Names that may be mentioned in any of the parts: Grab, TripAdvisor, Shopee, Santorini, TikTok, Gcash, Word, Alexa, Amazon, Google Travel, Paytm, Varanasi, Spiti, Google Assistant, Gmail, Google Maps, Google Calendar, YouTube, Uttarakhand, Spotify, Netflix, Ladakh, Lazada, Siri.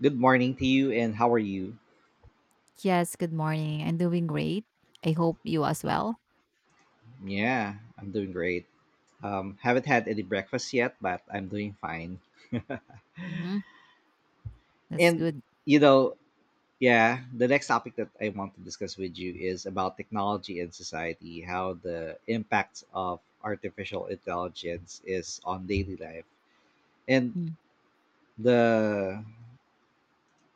Good morning to you, and how are you? Yes, good morning. I'm doing great. I hope you as well. Yeah, I'm doing great. Haven't had any breakfast yet, but I'm doing fine. Hmm. That's And good. you know, yeah, the next topic that I want to discuss with you is about technology and society, how the impacts of artificial intelligence is on daily life, and Mm-hmm. the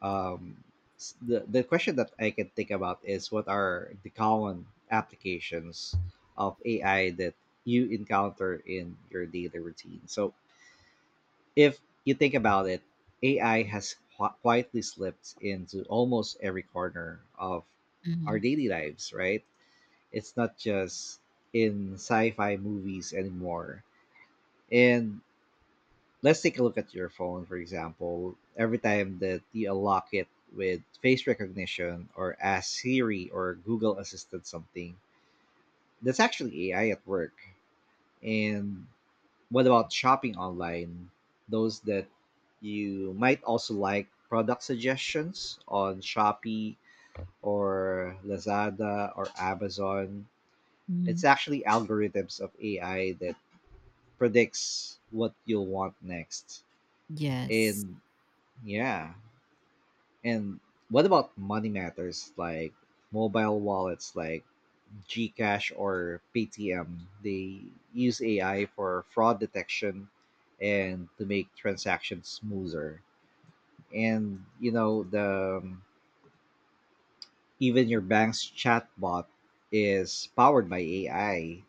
um, s- the question that I can think about is what are the common applications of AI that you encounter in your daily routine? So if you think about it, AI has quietly slipped into almost every corner of our daily lives, right? It's not just in sci-fi movies anymore. And let's take a look at your phone, for example. Every time that you unlock it with face recognition or ask Siri or Google Assistant something, that's actually AI at work. And what about shopping online? Those that you might also like product suggestions on Shopee or Lazada or Amazon. Hmm. It's actually algorithms of AI that predicts what you'll want next. Yes. And yeah. And what about money matters like mobile wallets like Gcash or Paytm? They use AI for fraud detection and to make transactions smoother. And you know the even your bank's chatbot is powered by AI.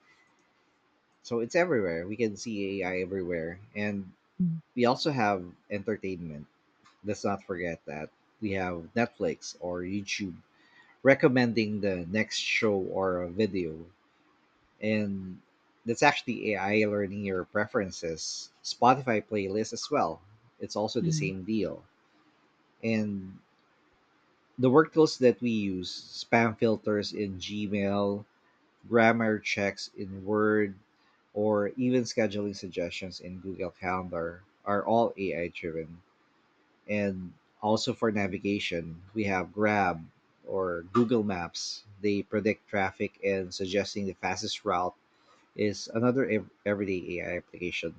So it's everywhere. We can see AI everywhere. And we also have entertainment. Let's not forget that we have Netflix or YouTube recommending the next show or a video. And that's actually AI learning your preferences. Spotify playlist as well. It's also the Mm-hmm. same deal. And the work tools that we use spam filters in Gmail, grammar checks in Word, or even scheduling suggestions in Google Calendar are all AI driven. And also for navigation, we have Grab or Google Maps. They predict traffic and suggesting the fastest route is another everyday AI application.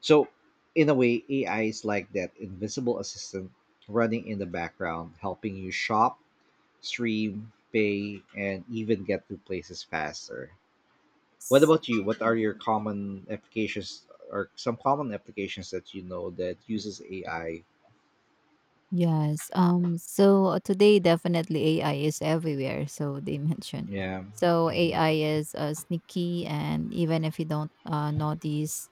So, in a way, AI is like that invisible assistant running in the background, helping you shop, stream, pay, and even get to places faster. What about you? What are your common applications or some common applications that you know that uses AI? Yes. So today, definitely AI is everywhere. So they mentioned. Yeah. So AI is sneaky, and even if you don't notice,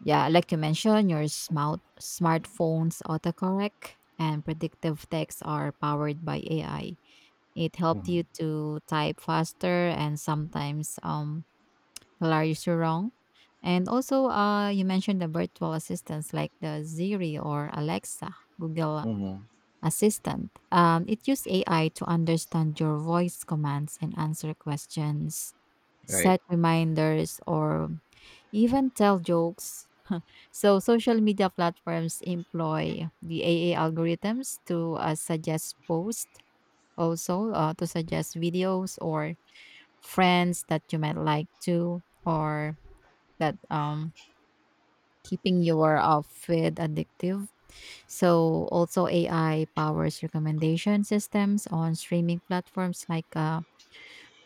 yeah, like you mentioned, your smartphone's autocorrect and predictive text are powered by AI. It helped you Mhm. to type faster and sometimes hilarious you so wrong. And also you mentioned the virtual assistants like the Siri or Alexa, Google Mhm. Assistant. It used AI to understand your voice commands and answer questions, Right. set reminders, or even tell jokes. So social media platforms employ the AA algorithms to suggest posts, also to suggest videos or friends that you might like to or that keeping your outfit addictive. So also AI powers recommendation systems on streaming platforms like,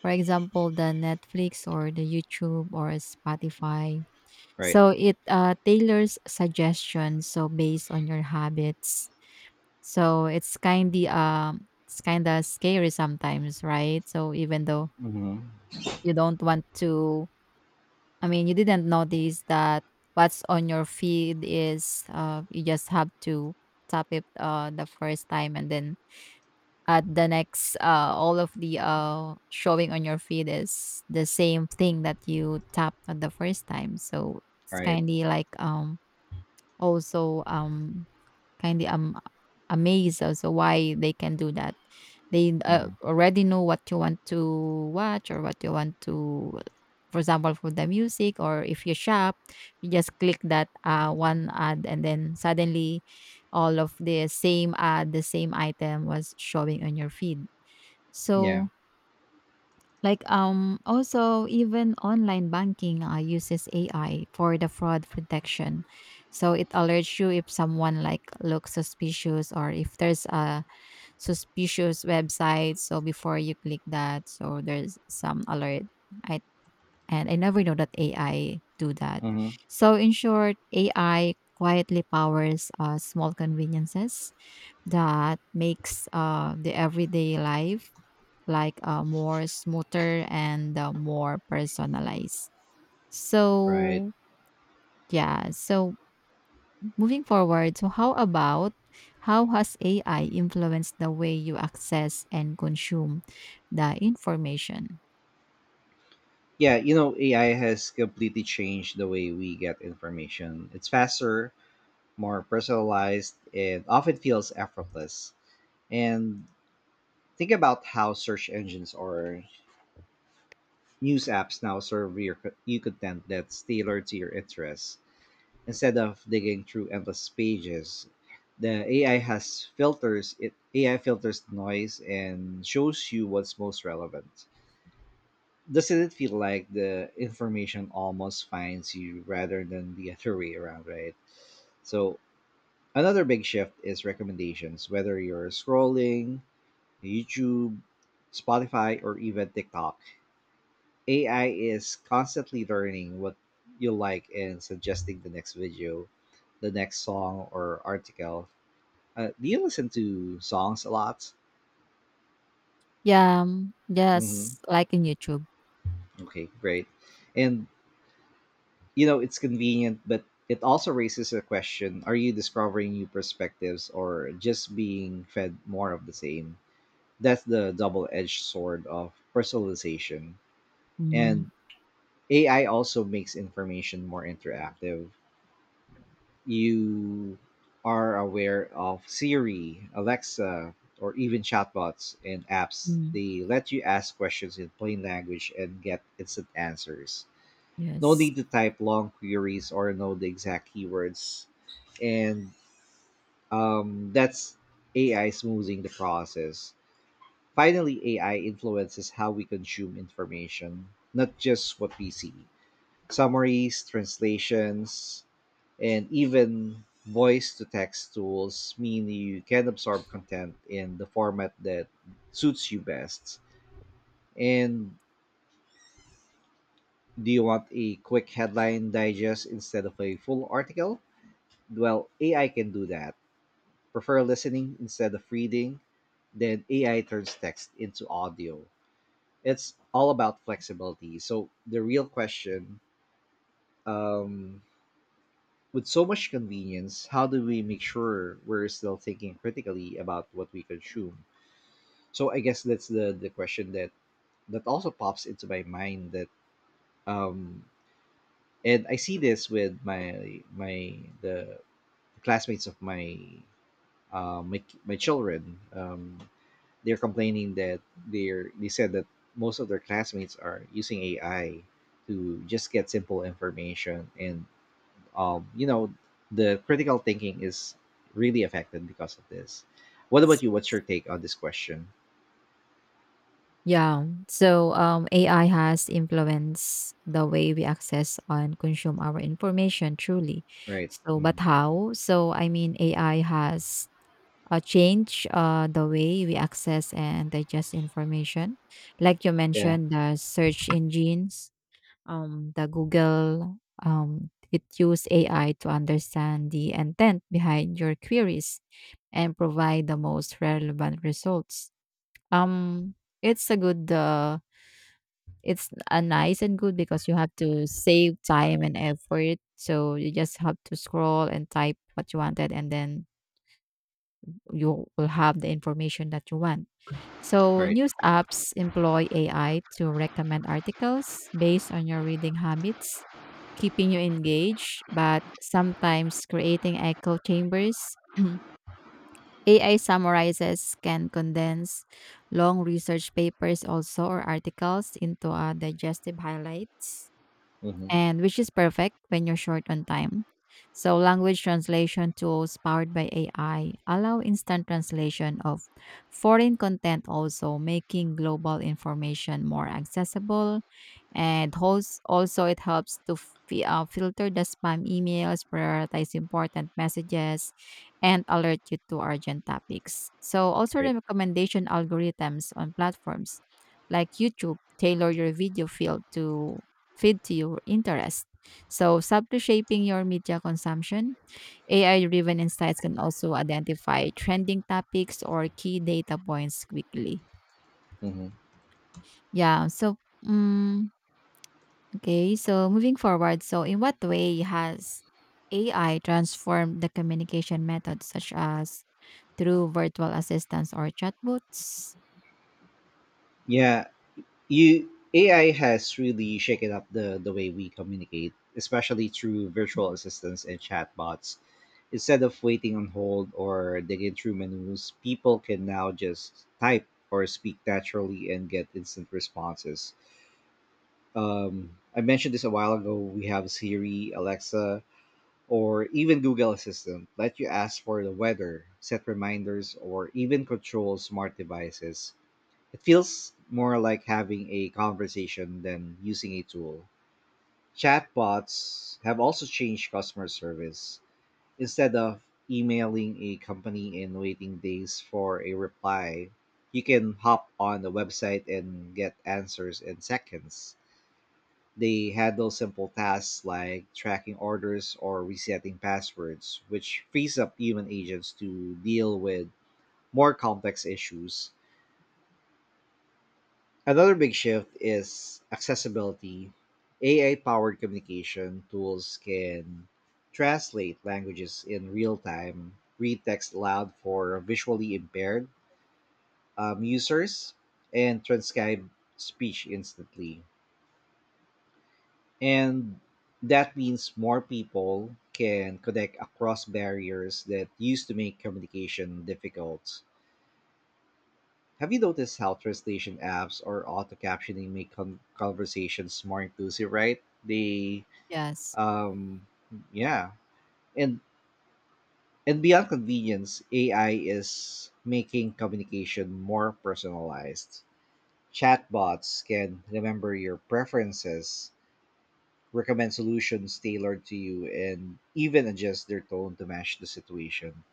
for example, the Netflix or the YouTube or Spotify. Right. So it tailors suggestions so based on your habits. So it's kind of it's kind of scary sometimes, right? So even though Mhm. you don't want to, I mean, you didn't notice that what's on your feed is, you just have to tap it, the first time, and then at the next, all of the, showing on your feed is the same thing that you tapped on the first time. So it's Right. kind of like, also, kind of, amazed also why they can do that. They Mhm. already know what you want to watch or what you want to, for example, for the music. Or if you shop, you just click that, one ad and then suddenly all of the same ad, the same item was showing on your feed. Yeah. So, like also, even online banking uses AI for the fraud protection. So it alerts you if someone like looks suspicious or if there's a suspicious website. So before you click that, so there's some alert. I I never know that AI do that. Mhm. So, in short, AI quietly powers small conveniences that makes the everyday life like more smoother and more personalized. Right. So, yeah. So, moving forward, so how has AI influenced the way you access and consume the information? Yeah, AI has completely changed the way we get information. It's faster, more personalized, and often feels effortless. And think about how search engines or news apps now serve you content that's tailored to your interests. Instead of digging through endless pages, the AI has filters. It AI filters noise and shows you what's most relevant. Doesn't it feel like the information almost finds you rather than the other way around, right? So another big shift is recommendations, whether you're scrolling YouTube, Spotify, or even TikTok. AI is constantly learning what you like and suggesting the next video, the next song or article. Do you listen to songs a lot? Yeah. Hmm. Yes. Like in YouTube. Okay, great. And it's convenient, but it also raises a question: are you discovering new perspectives or just being fed more of the same? That's the double-edged sword of personalization. Mm. And AI also makes information more interactive. You are aware of Siri, Alexa, or even chatbots and apps. Mm. They let you ask questions in plain language and get instant answers. No Yes. need to type long queries or know the exact keywords. And that's AI smoothing the process. Finally, AI influences how we consume information, not just what we see. Summaries, translations, and even voice to text tools mean you can absorb content in the format that suits you best. And do you want a quick headline digest instead of a full article? Well, AI can do that. Prefer listening instead of reading? Then AI turns text into audio. It's all about flexibility. So the real question. Um, With so much convenience, how do we make sure we're still thinking critically about what we consume? So I guess that's the question that also pops into my mind. That um and I see this with my my the classmates of my children. They're complaining that they said that most of their classmates are using AI to just get simple information, and um, you know, the critical thinking is really affected because of this. What about you? What's your take on this question? Yeah. So AI has influenced the way we access and consume our information, truly. Right. So, but Hmm. how? So, I mean, AI has changed the way we access and digest information. Like you Yeah. mentioned, the search engines, the Google, it use AI to understand the intent behind your queries and provide the most relevant results. Um, it's a good uh, it's a nice and good because you have to save time and effort. So you just have to scroll and type what you wanted, and then you will have the information that you want. So Right. news apps employ AI to recommend articles based on your reading habits, keeping you engaged, but sometimes creating echo chambers. AI summarizes can condense long research papers also or articles into a digestive highlights, Mm-hmm. and which is perfect when you're short on time. So, language translation tools powered by AI allow instant translation of foreign content, also making global information more accessible. And host, also, it helps to filter the spam emails, prioritize important messages, and alert you to urgent topics. So, also, the Right. recommendation algorithms on platforms like YouTube tailor your video field to feed to your interest. So, subtly shaping your media consumption, AI driven insights can also identify trending topics or key data points quickly. Mm-hmm. Yeah. So, mm, okay. So, moving forward, so in what way has AI transformed the communication methods, such as through virtual assistants or chatbots? Yeah. You AI has really shaken up the way we communicate, especially through virtual assistants and chatbots. Instead of waiting on hold or digging through menus, people can now just type or speak naturally and get instant responses. I mentioned this a while ago. We have Siri, Alexa, or even Google Assistant let you ask for the weather, set reminders, or even control smart devices. It feels more like having a conversation than using a tool. Chatbots have also changed customer service. Instead of emailing a company and waiting days for a reply, you can hop on the website and get answers in seconds. They handle simple tasks like tracking orders or resetting passwords, which frees up human agents to deal with more complex issues. Another big shift is accessibility. AI powered communication tools can translate languages in real time, read text aloud for visually impaired users, and transcribe speech instantly. And that means more people can connect across barriers that used to make communication difficult. Have you noticed how translation apps or auto captioning make conversations more inclusive, right? Yes. um, yeah. And and beyond convenience, AI is making communication more personalized. Chatbots can remember your preferences, recommend solutions tailored to you, and even adjust their tone to match the situation.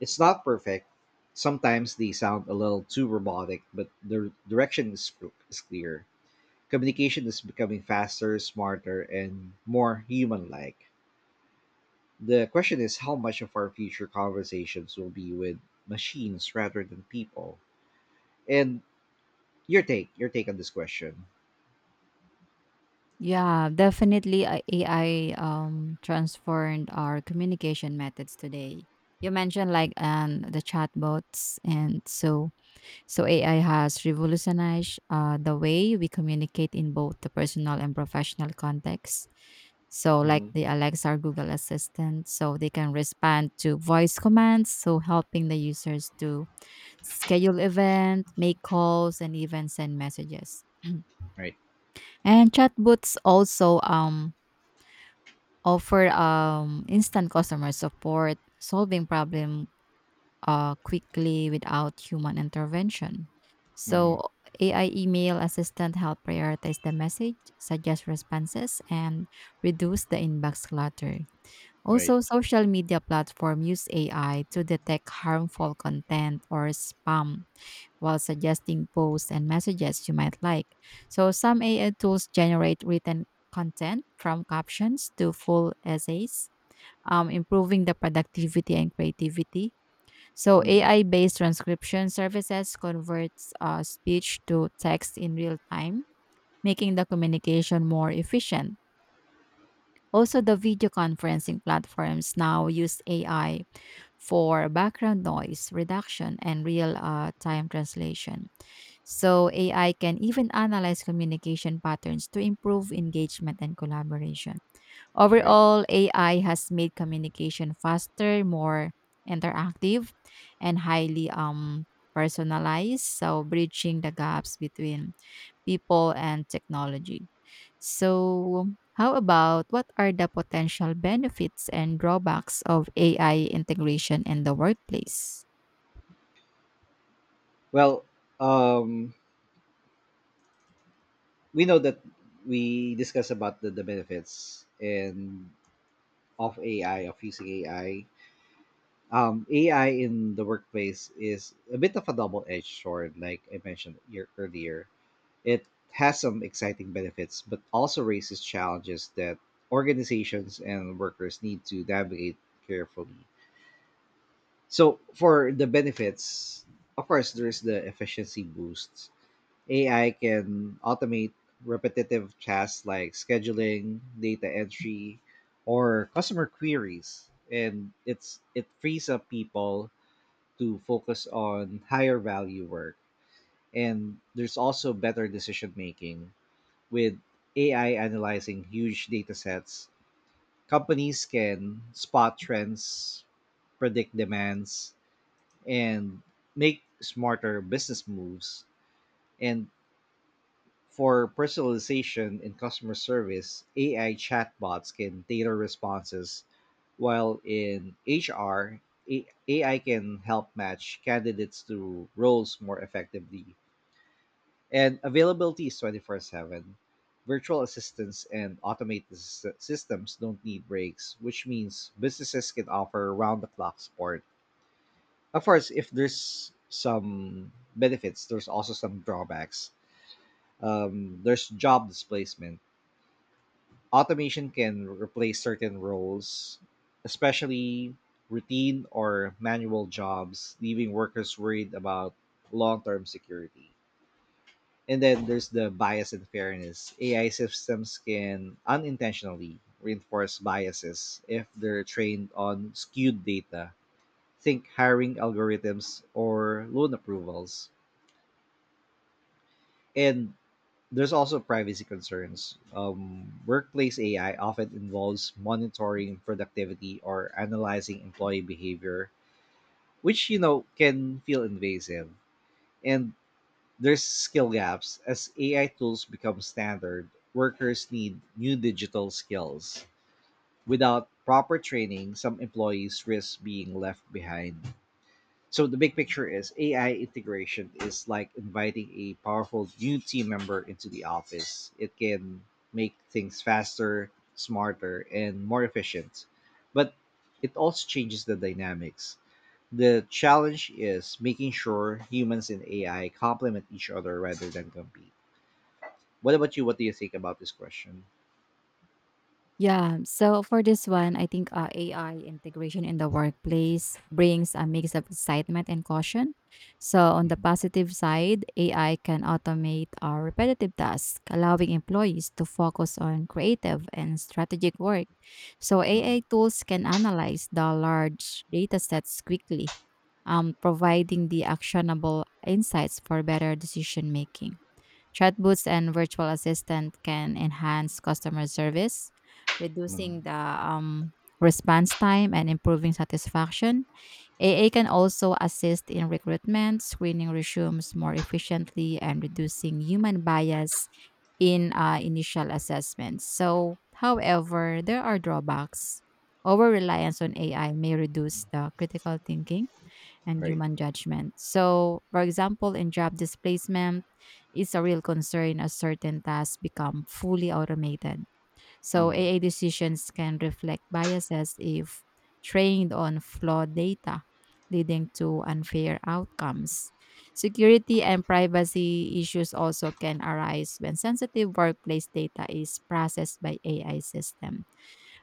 It's not perfect. Sometimes they sound a little too robotic, but the direction is clear. Communication is becoming faster, smarter, and more human like. The question is how much of our future conversations will be with machines rather than people? And your take on this question. Yeah, definitely AI transformed our communication methods today. You mentioned like the chatbots, and so AI has revolutionized the way we communicate in both the personal and professional context. So, like Mm-hmm. the Alexa or Google Assistant, so they can respond to voice commands, so helping the users to schedule events, make calls, and even send messages. Right. And chatbots also offer instant customer support, solving problem quickly without human intervention. Mm-hmm. So, AI email assistant help prioritize the message, suggest responses, and reduce the inbox clutter. Right. Also, social media platform use AI to detect harmful content or spam while suggesting posts and messages you might like. So, some AI tools generate written content from captions to full essays, improving the productivity and creativity. So, Mm-hmm. AI-based transcription services converts speech to text in real time, making the communication more efficient. Also, the video conferencing platforms now use AI for background noise reduction and real time translation. So, AI can even analyze communication patterns to improve engagement and collaboration. Right. Overall, AI has made communication faster, more interactive, and highly personalized. So, bridging the gaps between people and technology. So, how about what are the potential benefits and drawbacks of AI integration in the workplace? Well, um, we know that we discussed about the benefits and of AI of using AI um, AI in the workplace is a bit of a double edged sword, like I mentioned earlier. It has some exciting benefits, but also raises challenges that organizations and workers need to navigate carefully. So, for the benefits, of course, there's the efficiency boosts. AI can automate repetitive tasks like scheduling, data entry, or customer queries, and it frees up people to focus on higher value work. And there's also better decision making with AI analyzing huge data sets. Companies can spot trends, predict demands, and make smarter business moves. And for personalization in customer service, AI chatbots can tailor responses, while in HR, AI can help match candidates to roles more effectively. And availability is 24/7. Virtual assistants and automated systems don't need breaks, which means businesses can offer round the clock support. Of course, if there's some benefits, there's also some drawbacks. There's job displacement. Automation can replace certain roles, especially routine or manual jobs, leaving workers worried about long term security. And then there's the bias and fairness. AI systems can unintentionally reinforce biases if they're trained on skewed data. Think hiring algorithms or loan approvals. And there's also privacy concerns. Workplace AI often involves monitoring productivity or analyzing employee behavior, which can feel invasive. And there's skill gaps as AI tools become standard. Workers need new digital skills. Without proper training, some employees risk being left behind. So the big picture is AI integration is like inviting a powerful new team member into the office. It can make things faster, smarter, and more efficient. But it also changes the dynamics. The challenge is making sure humans and AI complement each other rather than compete. What about you? What do you think about this question? Yeah. So, for this one, I think AI integration in the workplace brings a mix of excitement and caution. So, on the Mhm, positive side, AI can automate our repetitive tasks, allowing employees to focus on creative and strategic work. So, mhm, AI tools can analyze the large data sets quickly, providing the actionable insights for better decision making. Chatbots and virtual assistant can enhance customer service, reducing mhm. the response time and improving satisfaction. AA can also assist in recruitment, screening resumes more efficiently, and reducing human bias in initial assessments. So, however, there are drawbacks. Over reliance on AI may reduce the critical thinking and Right. human judgment. So, for example, in job displacement, it's a real concern as certain tasks become fully automated. So, Mhm. AI decisions can reflect biases if trained on flawed data, leading to unfair outcomes. Security and privacy issues also can arise when sensitive workplace data is processed by AI system.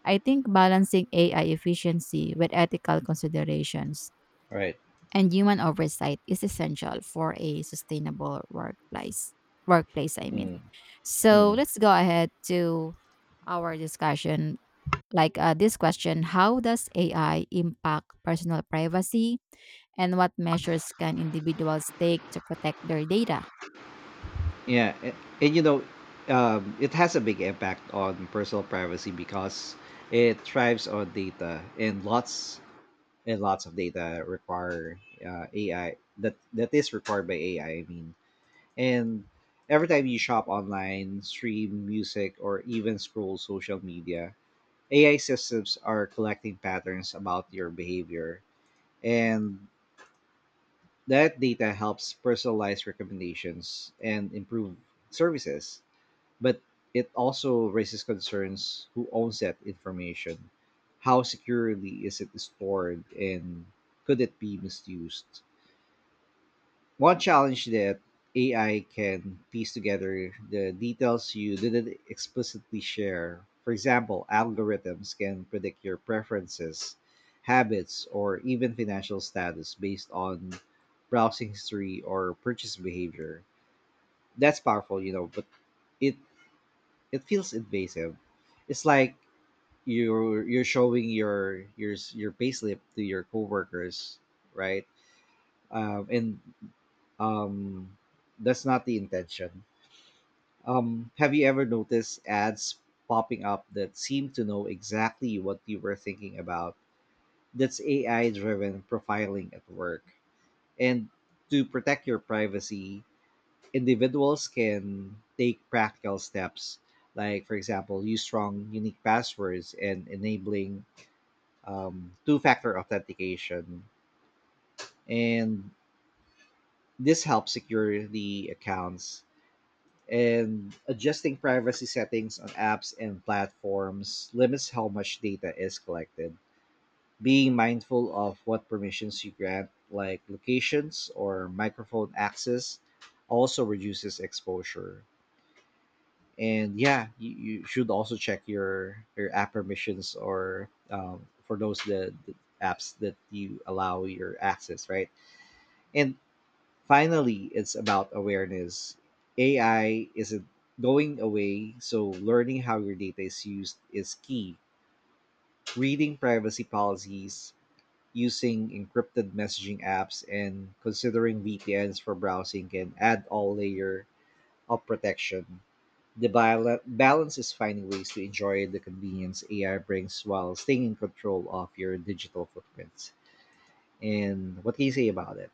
I think balancing AI efficiency with ethical considerations Right. and human oversight is essential for a sustainable workplace. Workplace, I mean. Mm-hmm. So, Mm-hmm. let's go ahead to our discussion. Like, this question: how does AI impact personal privacy, and what measures can individuals take to protect their data? Yeah, and it has a big impact on personal privacy because it thrives on data, and lots of data require AI that is required by AI. I mean, and every time you shop online, stream music, or even scroll social media, AI systems are collecting patterns about your behavior, and that data helps personalize recommendations and improve services, but it also raises concerns who owns that information. How securely is it stored, and could it be misused? One challenge that AI can piece together the details you didn't explicitly share. For example, algorithms can predict your preferences, habits, or even financial status based on browsing history or purchase behavior. That's powerful, you know, but it it feels invasive. It's like you're showing your payslip to your coworkers, right? And um, that's not the intention. Have you ever noticed ads popping up that seem to know exactly what you were thinking about? That's AI driven profiling at work. And to protect your privacy, individuals can take practical steps, like, for example, use strong, unique passwords and enabling two factor authentication. And this helps secure the accounts. And adjusting privacy settings on apps and platforms limits how much data is collected. Being mindful of what permissions you grant, like locations or microphone access, also reduces exposure. And yeah, you should also check your app permissions, or for those the apps that you allow your access, right. And finally, it's about awareness. AI isn't going away, so learning how your data is used is key. Reading privacy policies, using encrypted messaging apps, and considering VPNs for browsing can add all layer of protection. The balance is finding ways to enjoy the convenience AI brings while staying in control of your digital footprints. And what can you say about it?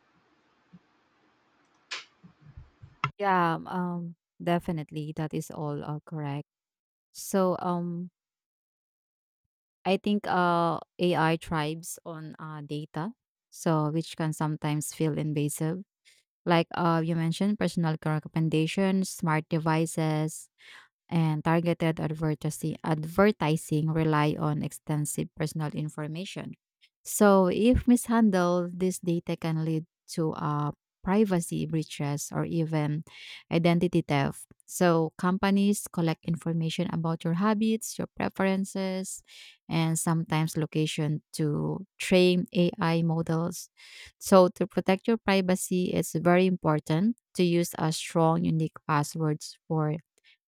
Yeah, definitely. That is all correct. So, I think AI thrives on data, so which can sometimes feel invasive like, you mentioned, personal car recommendations, smart devices, and targeted advertising rely on extensive personal information. So if mishandled, this data can lead to privacy breaches or even identity theft. So, companies collect information about your habits, your preferences, and sometimes location to train AI models. So, to protect your privacy, it's very important to use a strong unique passwords for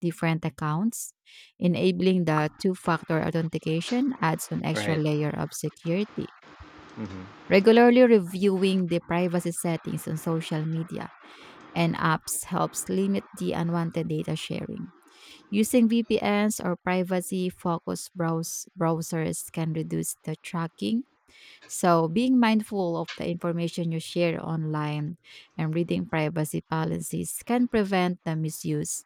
different accounts. Enabling the two factor authentication adds an extra Right. layer of security. Hmm. Regularly reviewing the privacy settings on social media and apps helps limit the unwanted data sharing. Using VPNs or privacy focused browsers can reduce the tracking. So, being mindful of the information you share online and reading privacy policies can prevent the misuse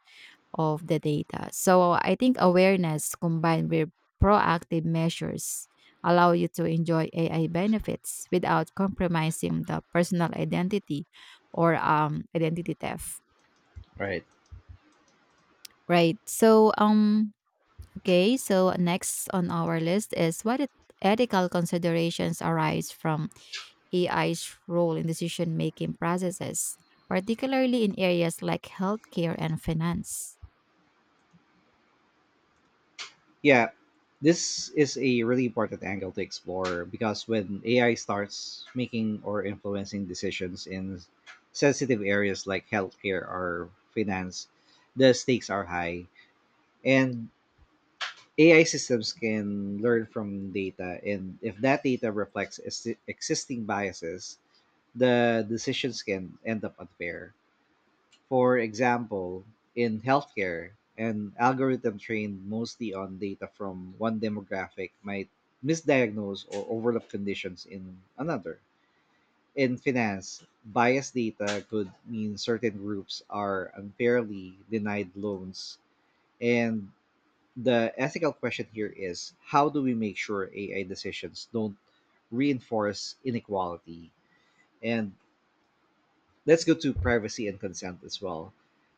of the data. So, I think awareness combined with proactive measures allow you to enjoy AI benefits without compromising the personal identity or, identity theft. Right. Right. So, okay, so next on our list is, ethical considerations arise from AI's role in decision making processes, particularly in areas like healthcare and finance. Yeah, this is a really important angle to explore because when AI starts making or influencing decisions in sensitive areas like healthcare or finance, the stakes are high. And AI systems can learn from data, and if that data reflects existing biases, the decisions can end up unfair. For example, in healthcare, an algorithm trained mostly on data from one demographic might misdiagnose or overlap conditions in another. In finance, biased data could mean certain groups are unfairly denied loans, and the ethical question here is how do we make sure AI decisions don't reinforce inequality? And let's go to privacy and consent as well.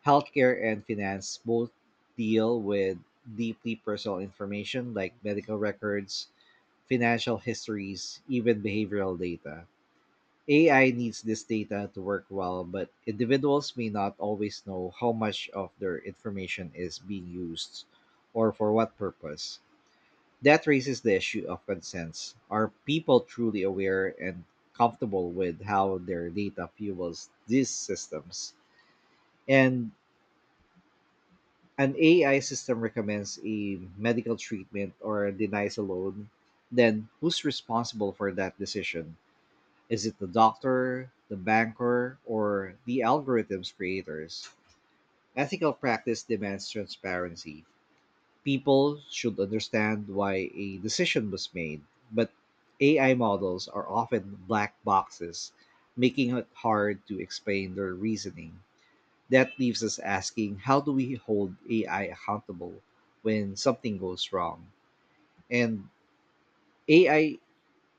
Healthcare and finance both deal with deeply personal information like medical records, financial histories, even behavioral data. AI needs this data to work well, but individuals may not always know how much of their information is being used or for what purpose. That raises the issue of consents. Are people truly aware and comfortable with how their data fuels these systems? And an AI system recommends a medical treatment or denies a loan, then who's responsible for that decision? Is it the doctor, the banker, or the algorithm's creators? Ethical practice demands transparency. People should understand why a decision was made, but AI models are often black boxes, making it hard to explain their reasoning. That leaves us asking, how do we hold AI accountable when something goes wrong? And AI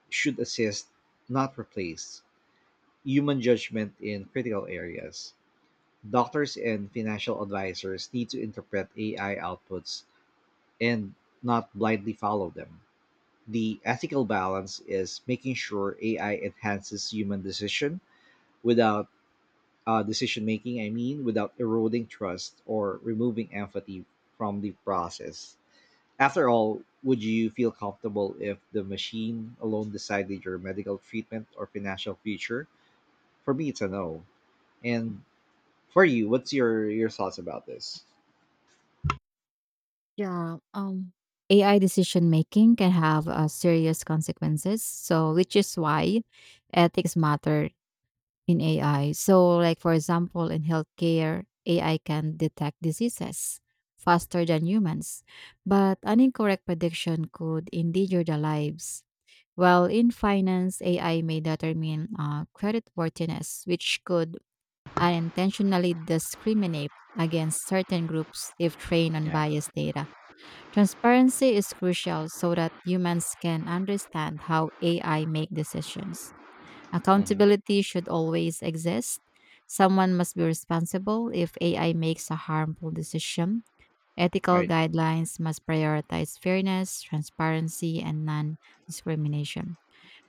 should assist, not replace, human judgment in critical areas. Doctors and financial advisors need to interpret AI outputs and not blindly follow them. The ethical balance is making sure AI enhances human decision without decision making, I mean, without eroding trust or removing empathy from the process. After all, would you feel comfortable if the machine alone decided your medical treatment or financial future? For me, it's a no. And for you, what's your thoughts about this? Yeah, AI decision making can have serious consequences. So, which is why ethics matter in AI. So, like for example, in healthcare, AI can detect diseases faster than humans, but an incorrect prediction could endanger the lives. While in finance, AI may determine creditworthiness, which could unintentionally discriminate against certain groups if trained on Yeah. biased data. Transparency is crucial so that humans can understand how AI make decisions. Mm-hmm. Accountability should always exist. Someone must be responsible if AI makes a harmful decision. Ethical Right. guidelines must prioritize fairness, transparency, and non discrimination.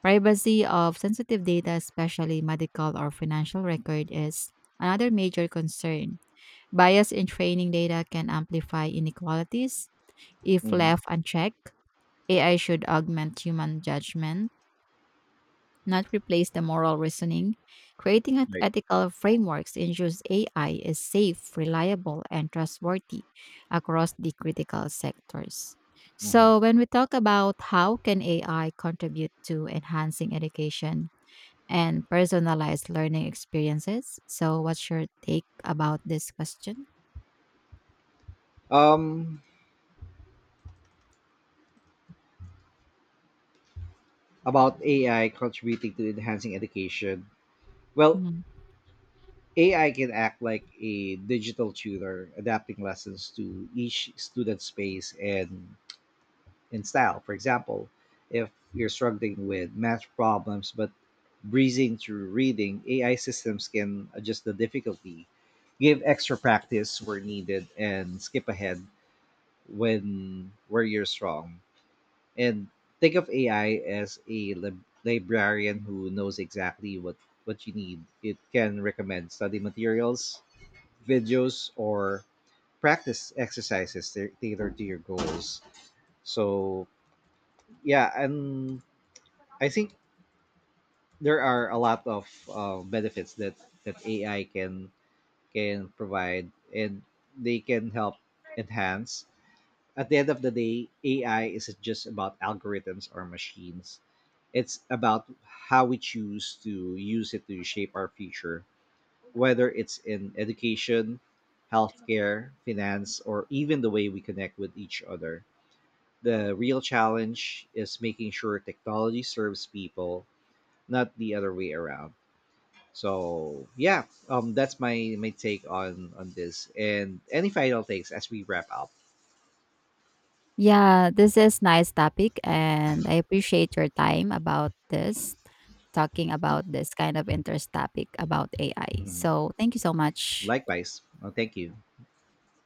Privacy of sensitive data, especially medical or financial record, is another major concern. Bias in training data can amplify inequalities if Mm-hmm. left unchecked. AI should augment human judgment, not replace the moral reasoning. Creating Right. ethical frameworks ensures AI is safe, reliable, and trustworthy across the critical sectors. Mm-hmm. So, when we talk about how can AI contribute to enhancing education and personalized learning experiences, so what's your take about this question? Um. About AI contributing to enhancing education. Well, Mhm. AI can act like a digital tutor, adapting lessons to each student's pace and style. For example, if you're struggling with math problems but breezing through reading, AI systems can adjust the difficulty, give extra practice where needed, and skip ahead when where you're strong. And think of AI as a librarian who knows exactly what you need. It can recommend study materials, videos, or practice exercises tailored to your goals. So yeah, and I think there are a lot of benefits that AI can provide, and they can help enhance. At the end of the day, AI isn't just about algorithms or machines. It's about how we choose to use it to shape our future, whether it's in education, healthcare, finance, or even the way we connect with each other. The real challenge is making sure technology serves people, not the other way around. So yeah, that's my take on this. And any final takes as we wrap up. Yeah, this is nice topic and I appreciate your time about this, talking about this kind of interest topic about AI. Mhm. So, thank you so much. Likewise, well, thank you.